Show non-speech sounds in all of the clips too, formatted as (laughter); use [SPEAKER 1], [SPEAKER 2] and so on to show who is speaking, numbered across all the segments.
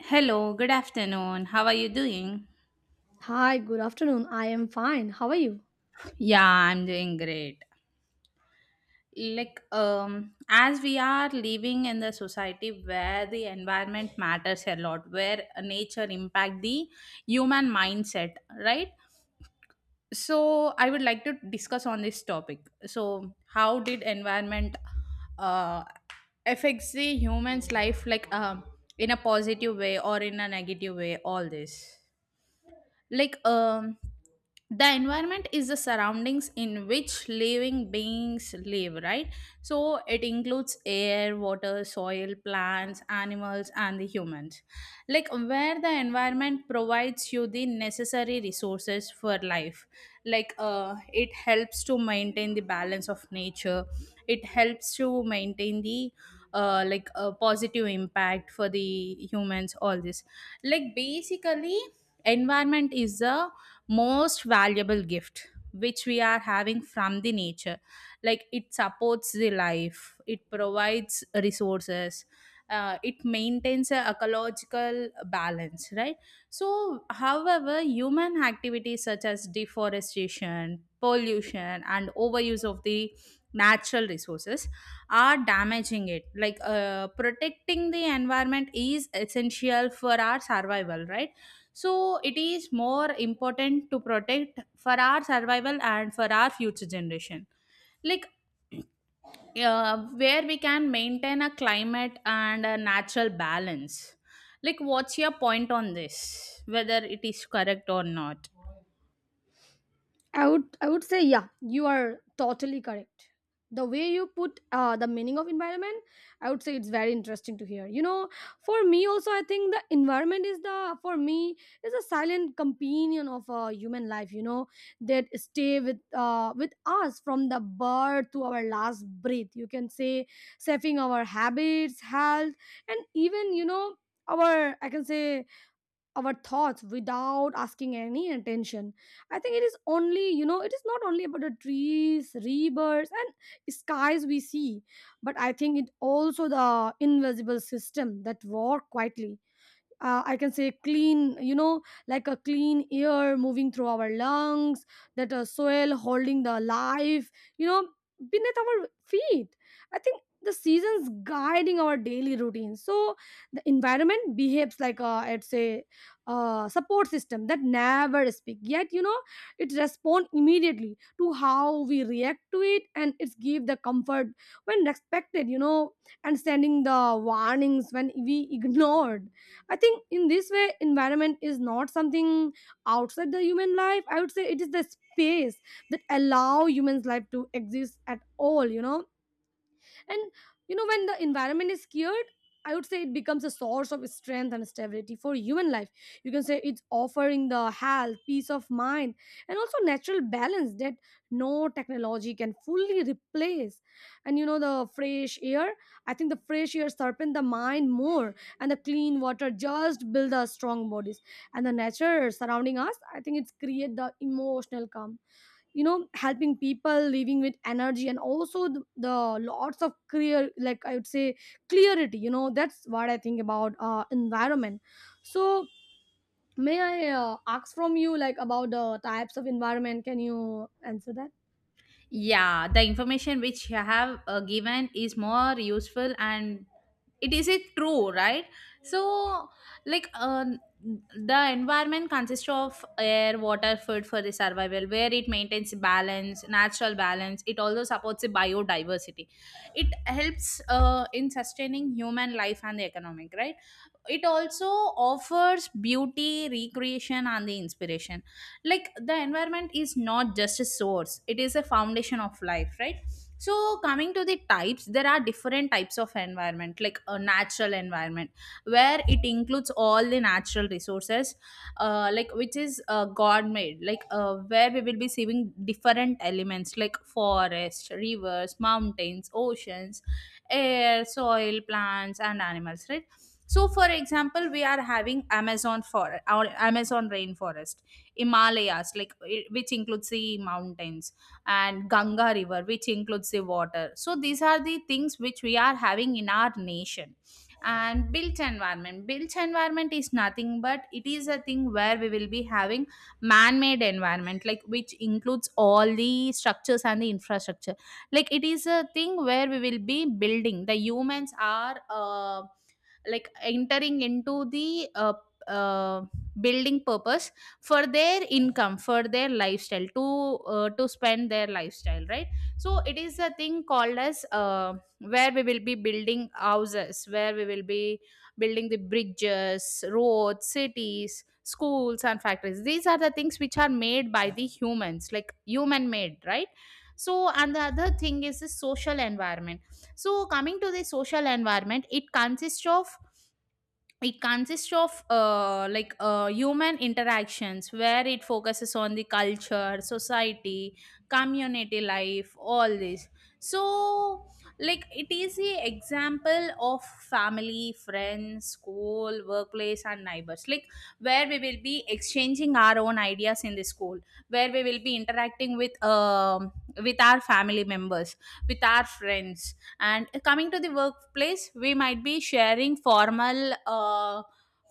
[SPEAKER 1] Hello, good afternoon. How are you doing?
[SPEAKER 2] Hi, good afternoon. I am fine. How are you?
[SPEAKER 1] Yeah, I'm doing great. As we are living in the society where the environment matters a lot, where nature impact the human mindset, right? So, I would like to discuss on this topic. So, how did environment uh, affects the human's life, in a positive way or in a negative way? All this. like um the environment is the surroundings in which living beings live, right? So it includes air, water, soil, plants, animals, and the humans. Like, where the environment provides you the necessary resources for life. It helps to maintain the balance of nature. It helps to maintain the like a positive impact for the humans, all this. Like, basically environment is the most valuable gift which we are having from the nature. Like, it supports the life, it provides resources, it maintains a ecological balance, right? So however, human activities such as deforestation, pollution, and overuse of the natural resources are damaging it. Like, protecting the environment is essential for our survival, right? So it is more important to protect for our survival and for our future generation. Like, where we can maintain a climate and a natural balance. Like, what's your point on this? Whether it is correct or not?
[SPEAKER 2] I would say yeah, you are totally correct. The way you put the meaning of environment, I would say it's very interesting to hear. You know, for me also, I think the environment is the for me is a silent companion of human life. You know, that stay with us from the birth to our last breath. You can say shaping our habits, health, and even, you know, our I can say our thoughts without asking any attention. I think it is not only about the trees, rivers and skies we see, but I think it also the invisible system that work quietly. I can say clean, you know, like a clean air moving through our lungs, that soil holding the life, you know, beneath our feet. I think the seasons guiding our daily routine. So the environment behaves like a, I'd say, support system that never speak. Yet, you know, it responds immediately to how we react to it, and it's give the comfort when respected, you know, and sending the warnings when we (laughs) ignored. I think in this way environment is not something outside the human life. I would say it is the space that allow humans life to exist at all, you know. And you know, when the environment is scared, I would say it becomes a source of strength and stability for human life. You can say it's offering the health, peace of mind, and also natural balance that no technology can fully replace. And you know, the fresh air sharpen the mind more, and the clean water just build the strong bodies, and the nature surrounding us, I think it's create the emotional calm, you know, helping people living with energy and also the lots of clear like I would say clarity, you know. That's what I think about environment. So may I ask from you like about the types of environment? Can you answer that?
[SPEAKER 1] Yeah, the information which you have given is more useful, and it is it true, right? So, like uh, the environment consists of air, water, food for the survival, where it maintains balance, natural balance. It also supports the biodiversity. It helps in sustaining human life and the economic, right? It also offers beauty, recreation, and the inspiration. Like, the environment is not just a source, it is a foundation of life, right? So, coming to the types, there are different types of environment, like a natural environment, where it includes all the natural resources, like which is god made, like where we will be seeing different elements like forest, rivers, mountains, oceans, air, soil, plants, and animals, right? So for example, we are having amazon for our amazon rainforest, Himalayas, like which includes the mountains, and Ganga River, which includes the water. So these are the things which we are having in our nation. And built environment. Built environment is nothing but it is a thing where we will be having man-made environment, like which includes all the structures and the infrastructure. Like it is a thing where we will be building. The humans are like entering into the uh, building purpose for their income, for their lifestyle, to spend their lifestyle, right? So it is a thing called as, where we will be building houses, where we will be building the bridges, roads, cities, schools, and factories. These are the things which are made by the humans, like human made, right? So, and the other thing is the social environment. So coming to the social environment, it consists of like human interactions, where it focuses on the culture, society, community life, all this. So, like it is the example of family, friends, school, workplace, and neighbors. Like, where we will be exchanging our own ideas in the school, where we will be interacting with our family members, with our friends, and coming to the workplace, we might be sharing formal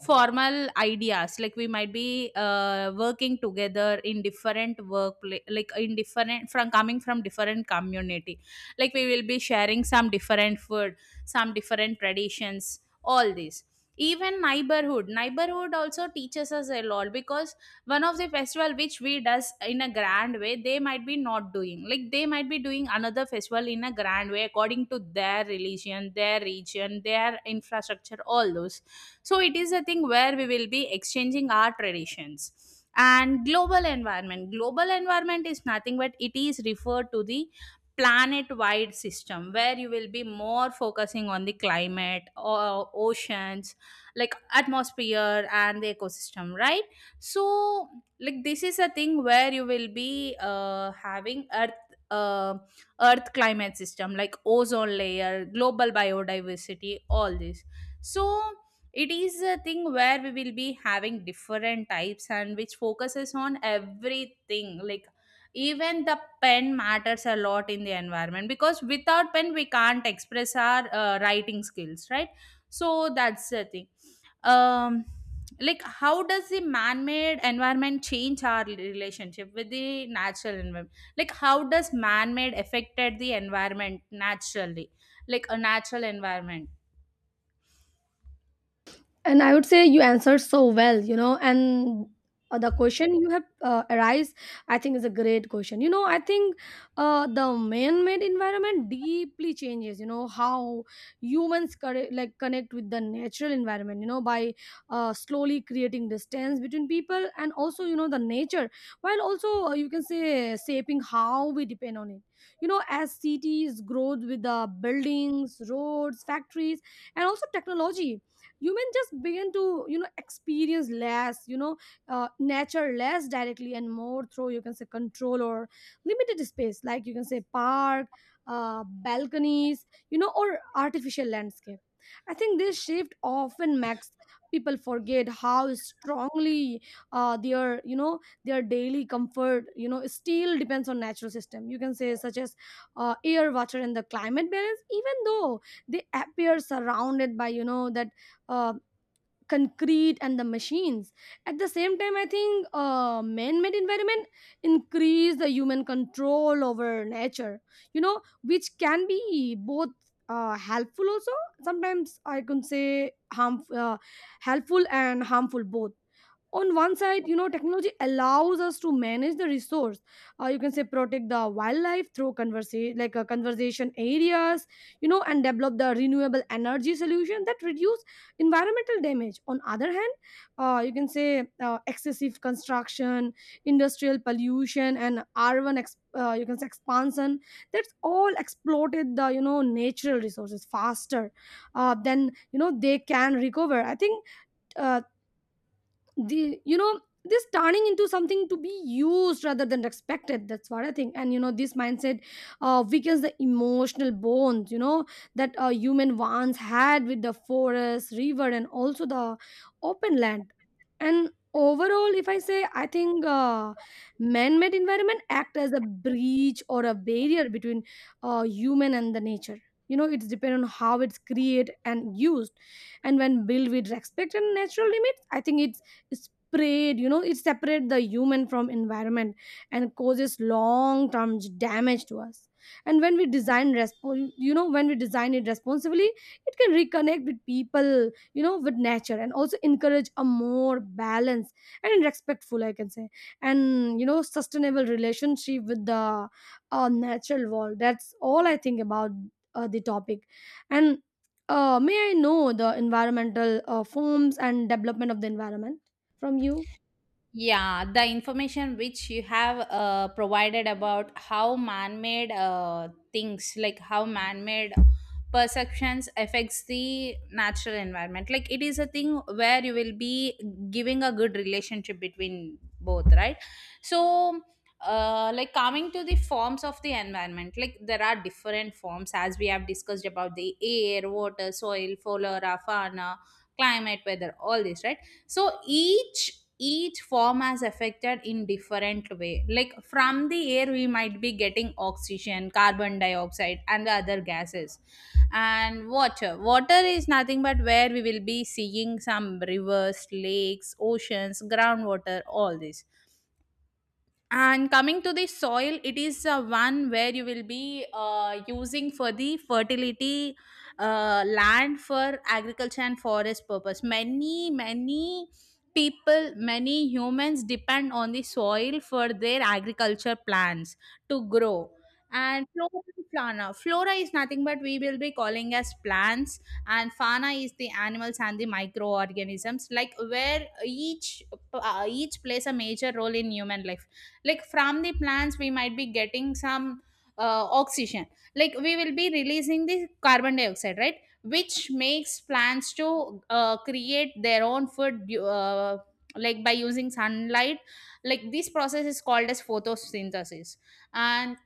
[SPEAKER 1] formal ideas. Like, we might be working together in different workplace, like in different, from coming from different community. Like, we will be sharing some different food, some different traditions, all this. Even neighborhood also teaches us a lot, because one of the festival which we does in a grand way, they might be not doing, like they might be doing another festival in a grand way according to their religion, their region, their infrastructure, all those. So it is a thing where we will be exchanging our traditions. And global environment. Global environment is nothing but it is referred to the planet wide system, where you will be more focusing on the climate or oceans, like atmosphere and the ecosystem, right? So, like this is a thing where you will be having earth, uh, earth climate system, like ozone layer, global biodiversity, all this. So, it is a thing where we will be having different types and which focuses on everything. Like, even the pen matters a lot in the environment, because without pen we can't express our writing skills, right? So that's the thing. um like, how does the man-made environment change our relationship with the natural environment? Like, how does man-made affected the environment naturally, like a natural environment?
[SPEAKER 2] And I would say you answered so well, you know. And the question you have arise, I think is a great question, you know. I think the man-made environment deeply changes, you know, how humans connect with the natural environment, you know, by slowly creating distance between people and also, you know, the nature, while also, you can say, shaping how we depend on it. You know, as cities grow with the buildings, roads, factories and also technology, women just begin to, you know, experience less you know nature less directly and more through, you can say, control or limited space, like, you can say, park, balconies, you know, or artificial landscape. I think this shift often makes people forget how strongly uh, their you know their daily comfort, you know, still depends on natural system, you can say, such as air, water and the climate balance, even though they appear surrounded by, you know, that uh, concrete and the machines. At the same time, I think man-made environment increase the human control over nature, you know, which can be both helpful, also sometimes, I can say, harm, uh, helpful and harmful both. On one side, you know, technology allows us to manage the resource, you can say protect the wildlife through conversation, like conservation areas, you know, and develop the renewable energy solution that reduce environmental damage. On other hand, you can say excessive construction, industrial pollution and you can say expansion, that's all exploited the, you know, natural resources faster than, you know, they can recover. I think uh, the you know this turning into something to be used rather than expected, that's what I think. And you know, this mindset weakens the emotional bonds, you know, that a human once had with the forest, river and also the open land. And overall, if I say, I think man-made environment act as a breach or a barrier between human and the nature. You know, it's depend on how it's created and used, and when built with respect and natural limits, I think it's sprayed, you know, it separates the human from environment and causes long term damage to us. And when you know, when we design it responsibly, it can reconnect with people, you know, with nature and also encourage a more balanced and respectful, I can say, and, you know, sustainable relationship with the natural world. That's all I think about the topic. And may I know the environmental forms and development of the environment from you?
[SPEAKER 1] Yeah, the information which you have provided about how man-made things, like how man-made perceptions affects the natural environment. Like it is a thing where you will be giving a good relationship between both, right? So, like coming to the forms of the environment, like there are different forms as we have discussed about the air, water, soil, flora, fauna, climate, weather, all this, right? So each form has affected in different way. Like from the air, we might be getting oxygen, carbon dioxide, and the other gases. And water, water is nothing but where we will be seeing some rivers, lakes, oceans, groundwater, all this. And coming to the soil, it is one where you will be using for the fertility, land for agriculture and forest purpose. Many, many people, many humans depend on the soil for their agriculture plants to grow. And flora, and fauna. Flora is nothing but we will be calling as plants, and fauna is the animals and the microorganisms, like where each plays a major role in human life. Like from the plants, we might be getting some oxygen. Like, we will be releasing the carbon dioxide, right? Which makes plants to create their own food like by using sunlight. Like, this process is called as photosynthesis. and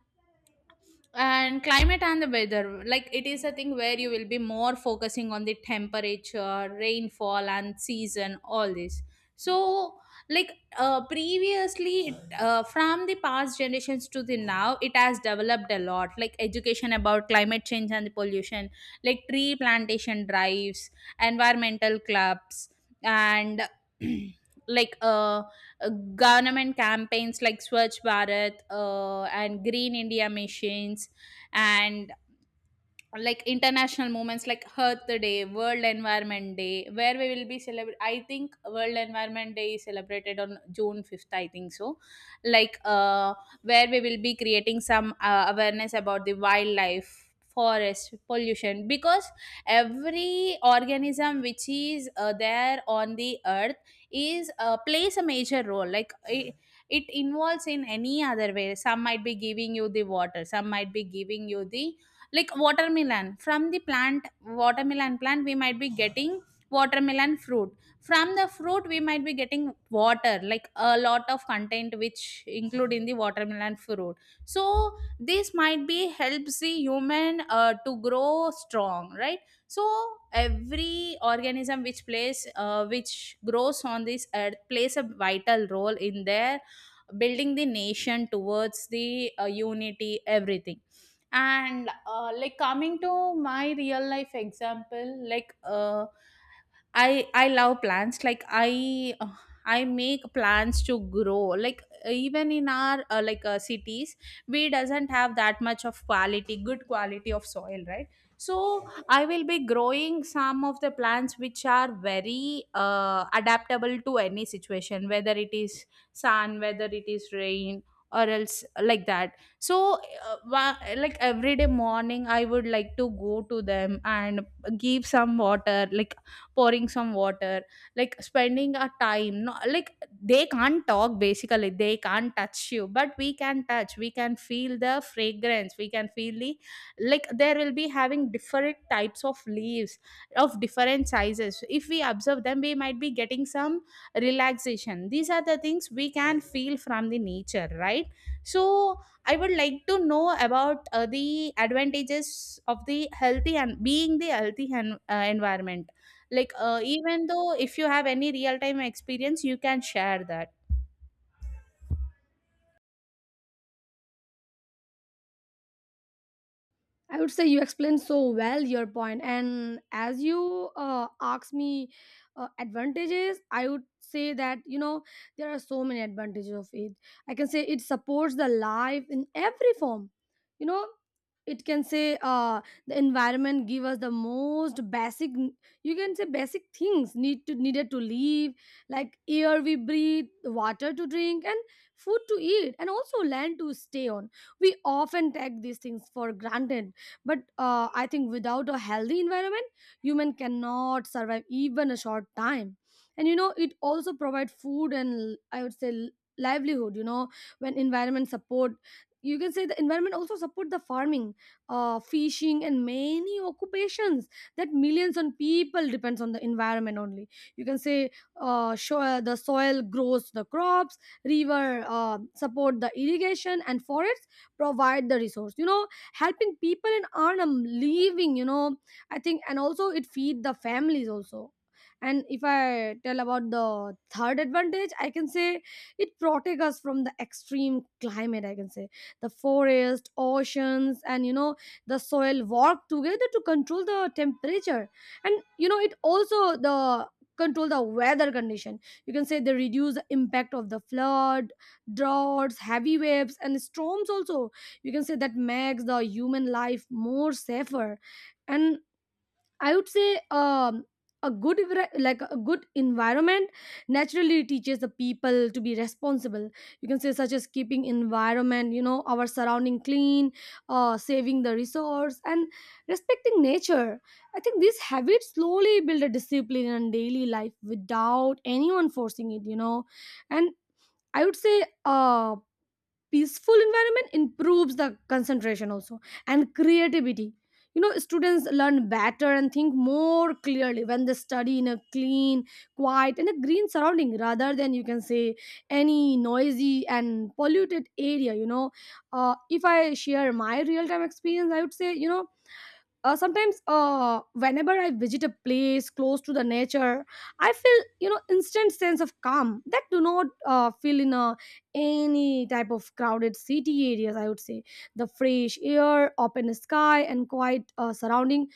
[SPEAKER 1] and climate and the weather, like it is a thing where you will be more focusing on the temperature, rainfall, and season, all this. So, like, previously, from the past generations to the now, it has developed a lot. Like education about climate change and the pollution, like tree plantation drives, environmental clubs, and (clears throat) like uh, government campaigns like Swachh Bharat and Green India missions, and like international moments like Earth Day, World Environment Day, where we will be celebrating. I think World Environment Day is celebrated on June 5th, I think so. Like, where we will be creating some awareness about the wildlife, forest, pollution, because every organism which is there on the earth is plays a major role. Like, it involves in any other way. Some might be giving you the water, some might be giving you the like watermelon from the plant, watermelon plant, we might be getting watermelon fruit. From the fruit, we might be getting water, like a lot of content which include in the watermelon fruit. So this might be helps the human to grow strong, right? So every organism which plays, which grows on this earth plays a vital role in their building the nation towards the unity, everything. And like coming to my real life example, like I love plants. Like, I I make plants to grow. Like, even in our like cities, we doesn't have that much of quality, good quality of soil, right? So I will be growing some of the plants which are very adaptable to any situation, whether it is sun, whether it is rain, or else like that. So like every day morning, I would like to go to them and give some water, like pouring some water, like spending a time, no, like they can't talk basically, they can't touch you, but we can touch, we can feel the fragrance, we can feel the, like there will be having different types of leaves of different sizes. If we observe them, we might be getting some relaxation. These are the things we can feel from the nature, right? So I would like to know about the advantages of the healthy and being the healthy environment. Like, even though if you have any real time experience, you can share that.
[SPEAKER 2] I would say you explained so well your point, and as you asked me advantages, I would say that you know, there are so many advantages of it. I can say it supports the life in every form. You know, it can say the environment give us the most basic. You can say basic things needed to live, like air we breathe, water to drink, and food to eat, and also land to stay on. We often take these things for granted, but I think without a healthy environment, human cannot survive even a short time. And you know, it also provide food, and I would say livelihood, you know. When environment support, you can say, the environment also support the farming, fishing and many occupations that millions on people depends on the environment only. You can say the soil grows the crops, river support the irrigation, and forests provide the resource, you know, helping people and earn a living, you know. I think, and also it feed the families also. And if I tell about the third advantage, I can say it protect us from the extreme climate. I can say the forest, oceans and, you know, the soil work together to control the temperature, and you know, it also the control the weather condition. You can say they reduce the impact of the flood, droughts, heavy waves and storms also. You can say that makes the human life more safer. And I would say, a good environment naturally teaches the people to be responsible. You can say, such as keeping environment, you know, our surrounding clean, saving the resource and respecting nature. I think these habits slowly build a discipline in daily life without anyone forcing it, you know. And I would say uh, peaceful environment improves the concentration also and creativity. You know, students learn better and think more clearly when they study in a clean, quiet and a green surrounding rather than, you can say, any noisy and polluted area. You know, if I share my real time experience, I would say, you know, sometimes whenever I visit a place close to the nature, I feel, you know, instant sense of calm that do not feel in a, any type of crowded city areas. I would say the fresh air, open sky and quiet surrounding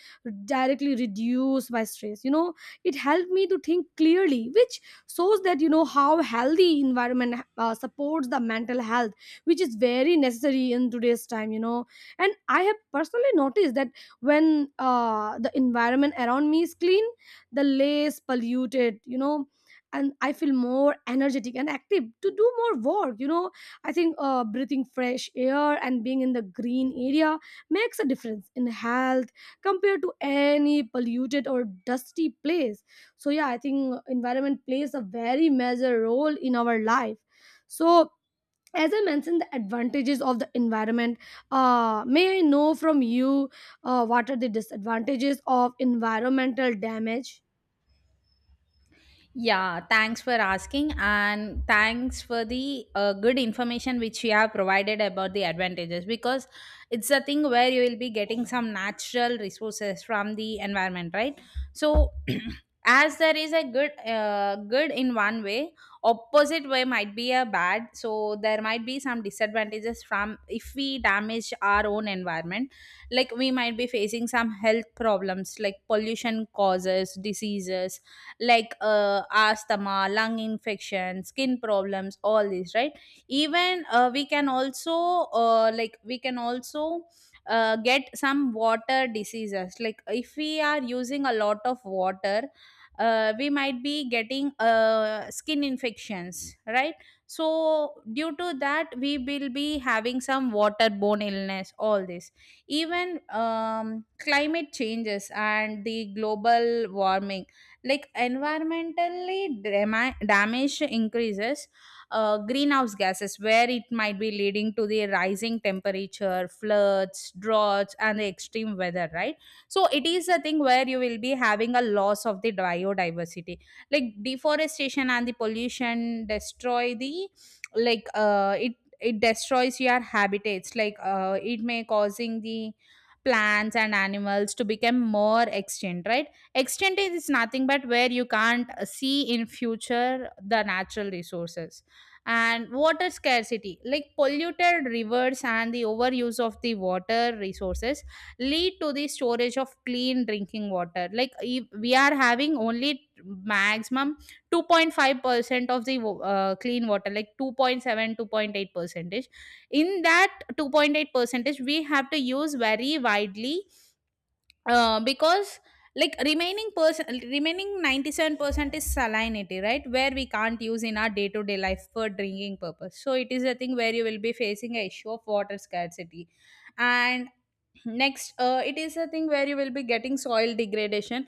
[SPEAKER 2] directly reduce my stress, you know. It helped me to think clearly, which shows that, you know, how healthy environment supports the mental health, which is very necessary in today's time, you know. And I have personally noticed that when the environment around me is clean, the less polluted, you know, and I feel more energetic and active to do more work, you know. I think breathing fresh air and being in the green area makes a difference in health compared to any polluted or dusty place. So yeah, I think environment plays a very major role in our life. So as I mentioned the advantages of the environment, may I know from you what are the disadvantages of environmental damage?
[SPEAKER 1] Yeah, thanks for asking, and thanks for the good information which you have provided about the advantages, because it's a thing where you will be getting some natural resources from the environment, right? So, (clears throat) as there is a good good in one way, opposite way might be a bad. So, there might be some disadvantages from if we damage our own environment. Like we might be facing some health problems like pollution causes diseases like asthma, lung infection, skin problems, all these, right? Even we can also like we can also get some water diseases. Like if we are using a lot of water, we might be getting skin infections, right? So due to that, we will be having some waterborne illness. All this, even climate changes and the global warming, like damage increases greenhouse gases, where it might be leading to the rising temperature, floods, droughts and the extreme weather, right? So it is a thing where you will be having a loss of the biodiversity, like deforestation and the pollution destroy the, like, it destroys your habitats, like it may causing the plants and animals to become more extinct, right? Extent is nothing but where you can't see in future the natural resources. And water scarcity, like polluted rivers and the overuse of the water resources lead to the storage of clean drinking water. Like if we are having only maximum 2.5% of the clean water, like 2.7, 2.8 percentage, in that 2.8 percentage we have to use very widely, because like remaining 97% is salinity, right, where we can't use in our day to day life for drinking purpose. So it is a thing where you will be facing a issue of water scarcity. And next, it is a thing where you will be getting soil degradation,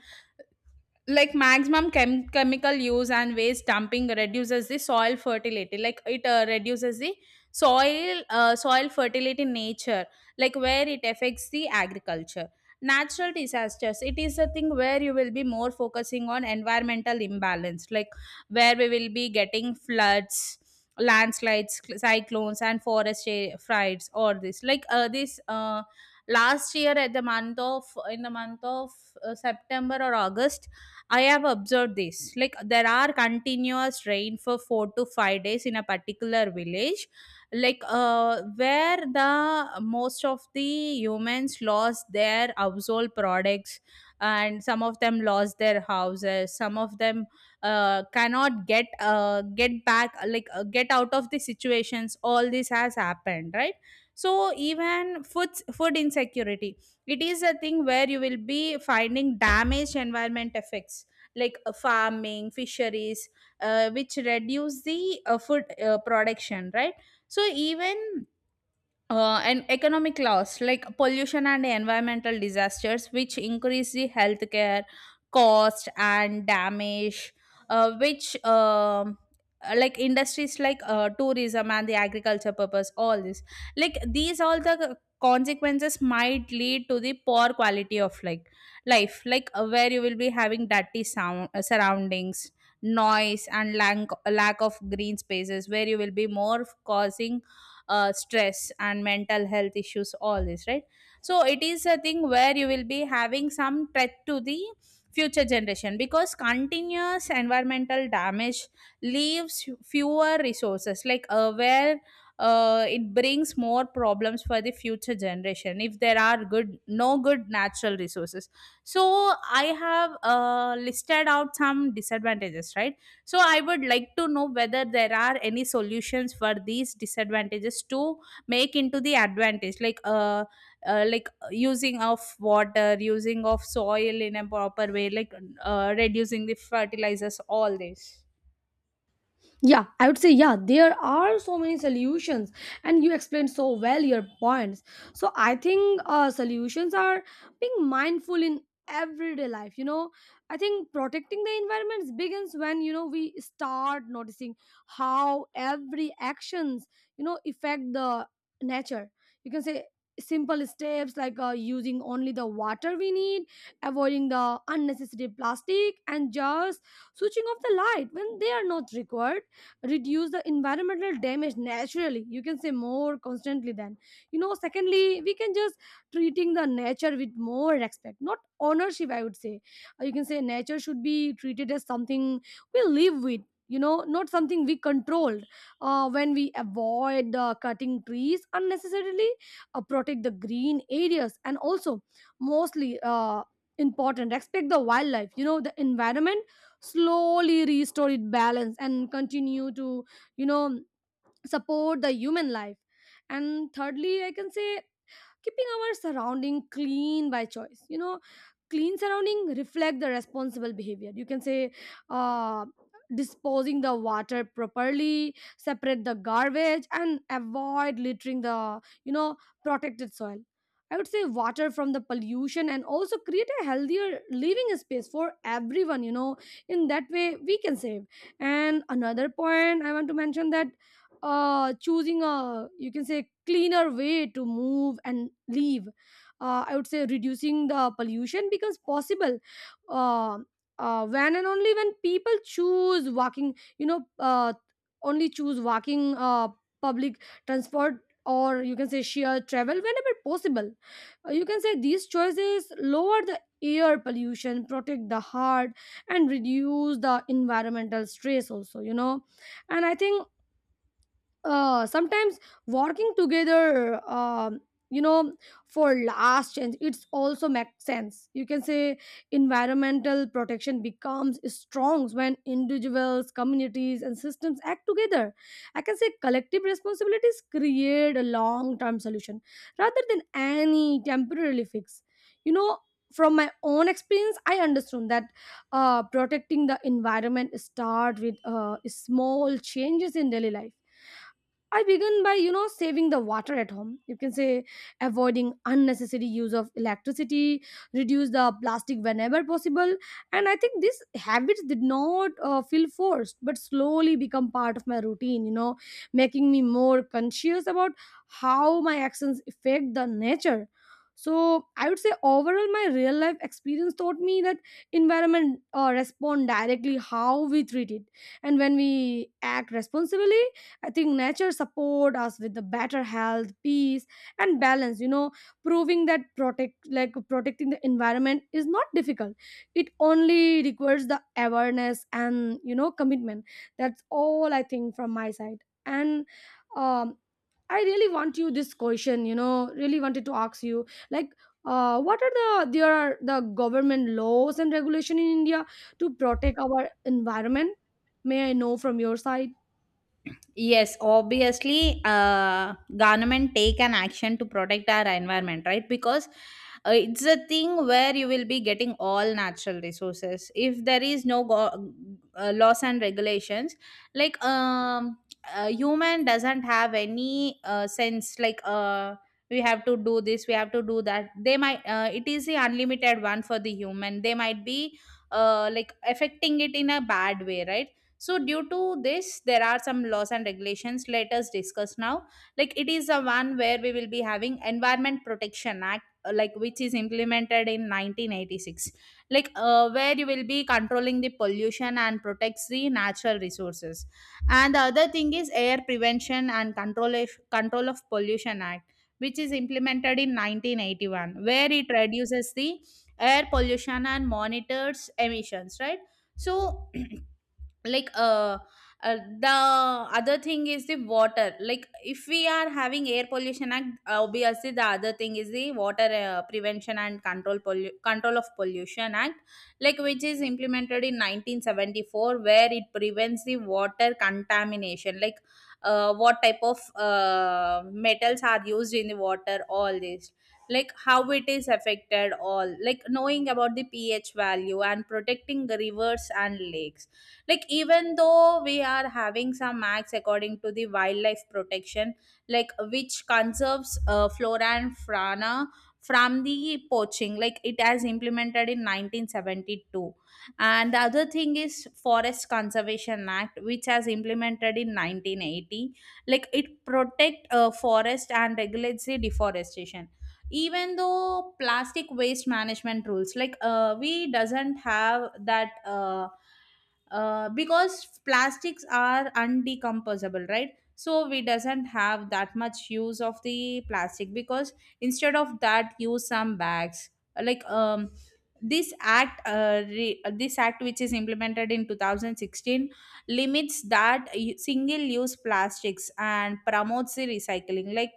[SPEAKER 1] like maximum chemical use and waste dumping reduces the soil fertility. Like it reduces the soil fertility nature, like where it affects the agriculture. Natural disasters, it is a thing where you will be more focusing on environmental imbalance, like where we will be getting floods, landslides, cyclones and fires or this. Last year at the month of, in the month of, September or August, I have observed this. Like there are continuous rain for 4 to 5 days in a particular village, where the most of the humans lost their household products, and some of them lost their houses. Some of them cannot get back, get out of the situations. All this has happened, right? So even food insecurity, it is a thing where you will be finding damaged environment effects, like farming, fisheries, which reduce the food production, right? So even uh, and economic loss, like pollution and environmental disasters which increase the healthcare cost and damage, which like industries like tourism and the agriculture purpose, all this. Like these all the consequences might lead to the poor quality of like life, where you will be having dirty sound surroundings, noise and lack of green spaces, where you will be more causing stress and mental health issues, all this, right? So it is a thing where you will be having some threat to the future generation because continuous environmental damage leaves fewer resources, like where it brings more problems for the future generation if there are good no good natural resources. So I have listed out some disadvantages, right? So I would like to know whether there are any solutions for these disadvantages to make into the advantage, like using of water, using of soil in a proper way, like reducing the fertilizers, all this.
[SPEAKER 2] Yeah, I would say, yeah, there are so many solutions, and you explained so well your points. So I think solutions are being mindful in everyday life. You know, I think protecting the environment begins when, you know, we start noticing how every actions, you know, affect the nature. You can say simple steps like using only the water we need, avoiding the unnecessary plastic, and just switching off the light when they are not required reduce the environmental damage naturally. You can say more constantly than, you know. Secondly, we can just treating the nature with more respect, not ownership, I would say. You can say nature should be treated as something we live with, you know, not something we controlled. When we avoid cutting trees unnecessarily, protect the green areas and also, mostly important, respect the wildlife, you know, the environment slowly restore its balance and continue to, you know, support the human life. And thirdly, I can say keeping our surrounding clean by choice. You know, clean surrounding reflect the responsible behavior. You can say uh, disposing the water properly, separate the garbage and avoid littering the, you know, protected soil, I would say, water from the pollution, and also create a healthier living space for everyone, you know. In that way we can save. And another point I want to mention that choosing a, you can say, cleaner way to move and leave, I would say reducing the pollution becomes possible, uh, when and only when people choose walking, you know, only choose walking, public transport or, you can say, sheer travel whenever possible. You can say these choices lower the air pollution, protect the heart and reduce the environmental stress also, you know. And I think, sometimes working together, you know, for last change it's also makes sense. You can say environmental protection becomes strong when individuals, communities and systems act together. I can say collective responsibilities create a long term solution rather than any temporary fix, you know. From my own experience I understood that protecting the environment start with small changes in daily life. I began by, you know, saving the water at home. You can say avoiding unnecessary use of electricity, reduce the plastic whenever possible. And I think these habits did not feel forced, but slowly become part of my routine, you know, making me more conscious about how my actions affect the nature. So I would say overall, my real life experience taught me that environment respond directly how we treat it, and when we act responsibly, I think nature support us with the better health, peace, and balance. You know, proving that protecting the environment is not difficult. It only requires the awareness and, you know, commitment. That's all I think from my side. And um, I really want you this question. You know, really wanted to ask you like. What are the there are the government laws and regulation in India to protect our environment? May I know from your side?
[SPEAKER 1] Yes, obviously, government take an action to protect our environment, right? Because it's a thing where you will be getting all natural resources. If there is no laws and regulations, like a human doesn't have any sense, like we have to do this, we have to do that. They might, it is the unlimited one for the human. They might be like affecting it in a bad way, right? So due to this there are some laws and regulations, let us discuss now. Like it is a one where we will be having environment protection act, like which is implemented in 1986, where you will be controlling the pollution and protects the natural resources. And the other thing is air prevention and control of pollution act, which is implemented in 1981, where it reduces the air pollution and monitors emissions, right? So (clears throat) like uh, the other thing is the water. Like if we are having air pollution act, obviously the other thing is the water prevention and control of pollution act, like which is implemented in 1974, where it prevents the water contamination, like what type of metals are used in the water, all this, like how it is affected all, like knowing about the pH value and protecting the rivers and lakes. Like even though we are having some acts according to the wildlife protection, like which conserves flora and fauna from the poaching, like it has implemented in 1972. And the other thing is forest conservation act, which has implemented in 1980, like it protect forest and regulates the deforestation. Even though plastic waste management rules, we doesn't have that, because plastics are undecomposable, right? So we doesn't have that much use of the plastic, because instead of that use some bags. like um this this act which is implemented in 2016 limits that single use plastics and promotes the recycling. Like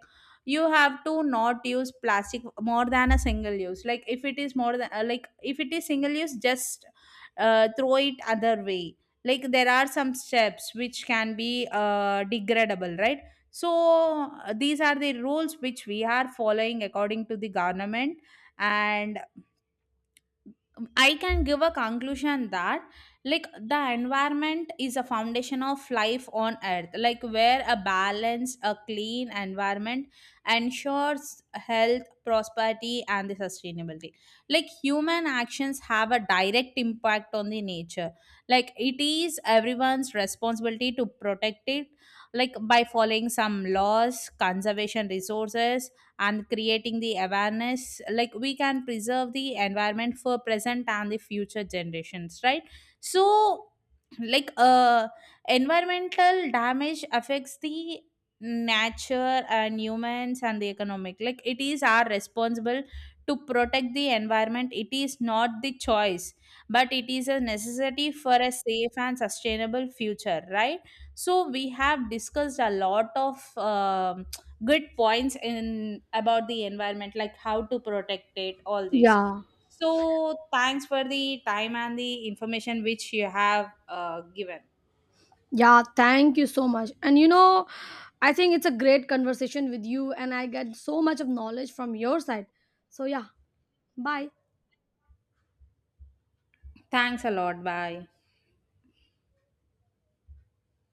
[SPEAKER 1] you have to not use plastic more than a single use, like if it is more than, like if it is single use, just throw it other way. Like there are some steps which can be degradable, right? So these are the rules which we are following according to the government. And I can give a conclusion that, like the environment is a foundation of life on earth, like where a balanced a clean environment ensures health, prosperity and the sustainability. Like human actions have a direct impact on the nature, like it is everyone's responsibility to protect it, like by following some laws, conservation resources and creating the awareness, like we can preserve the environment for present and the future generations, right? So like uh environmental damage affects the nature and humans and the economic, like it is our responsible to protect the environment, it is not the choice but it is a necessity for a safe and sustainable future, right? So we have discussed a lot of good points in about the environment, like how to protect it, all this.
[SPEAKER 2] Yeah.
[SPEAKER 1] So thanks for the time and the information which you have given.
[SPEAKER 2] Yeah, thank you so much. And you know, I think it's a great conversation with you, and I get so much of knowledge from your side. So, yeah, bye.
[SPEAKER 1] Thanks a lot, bye.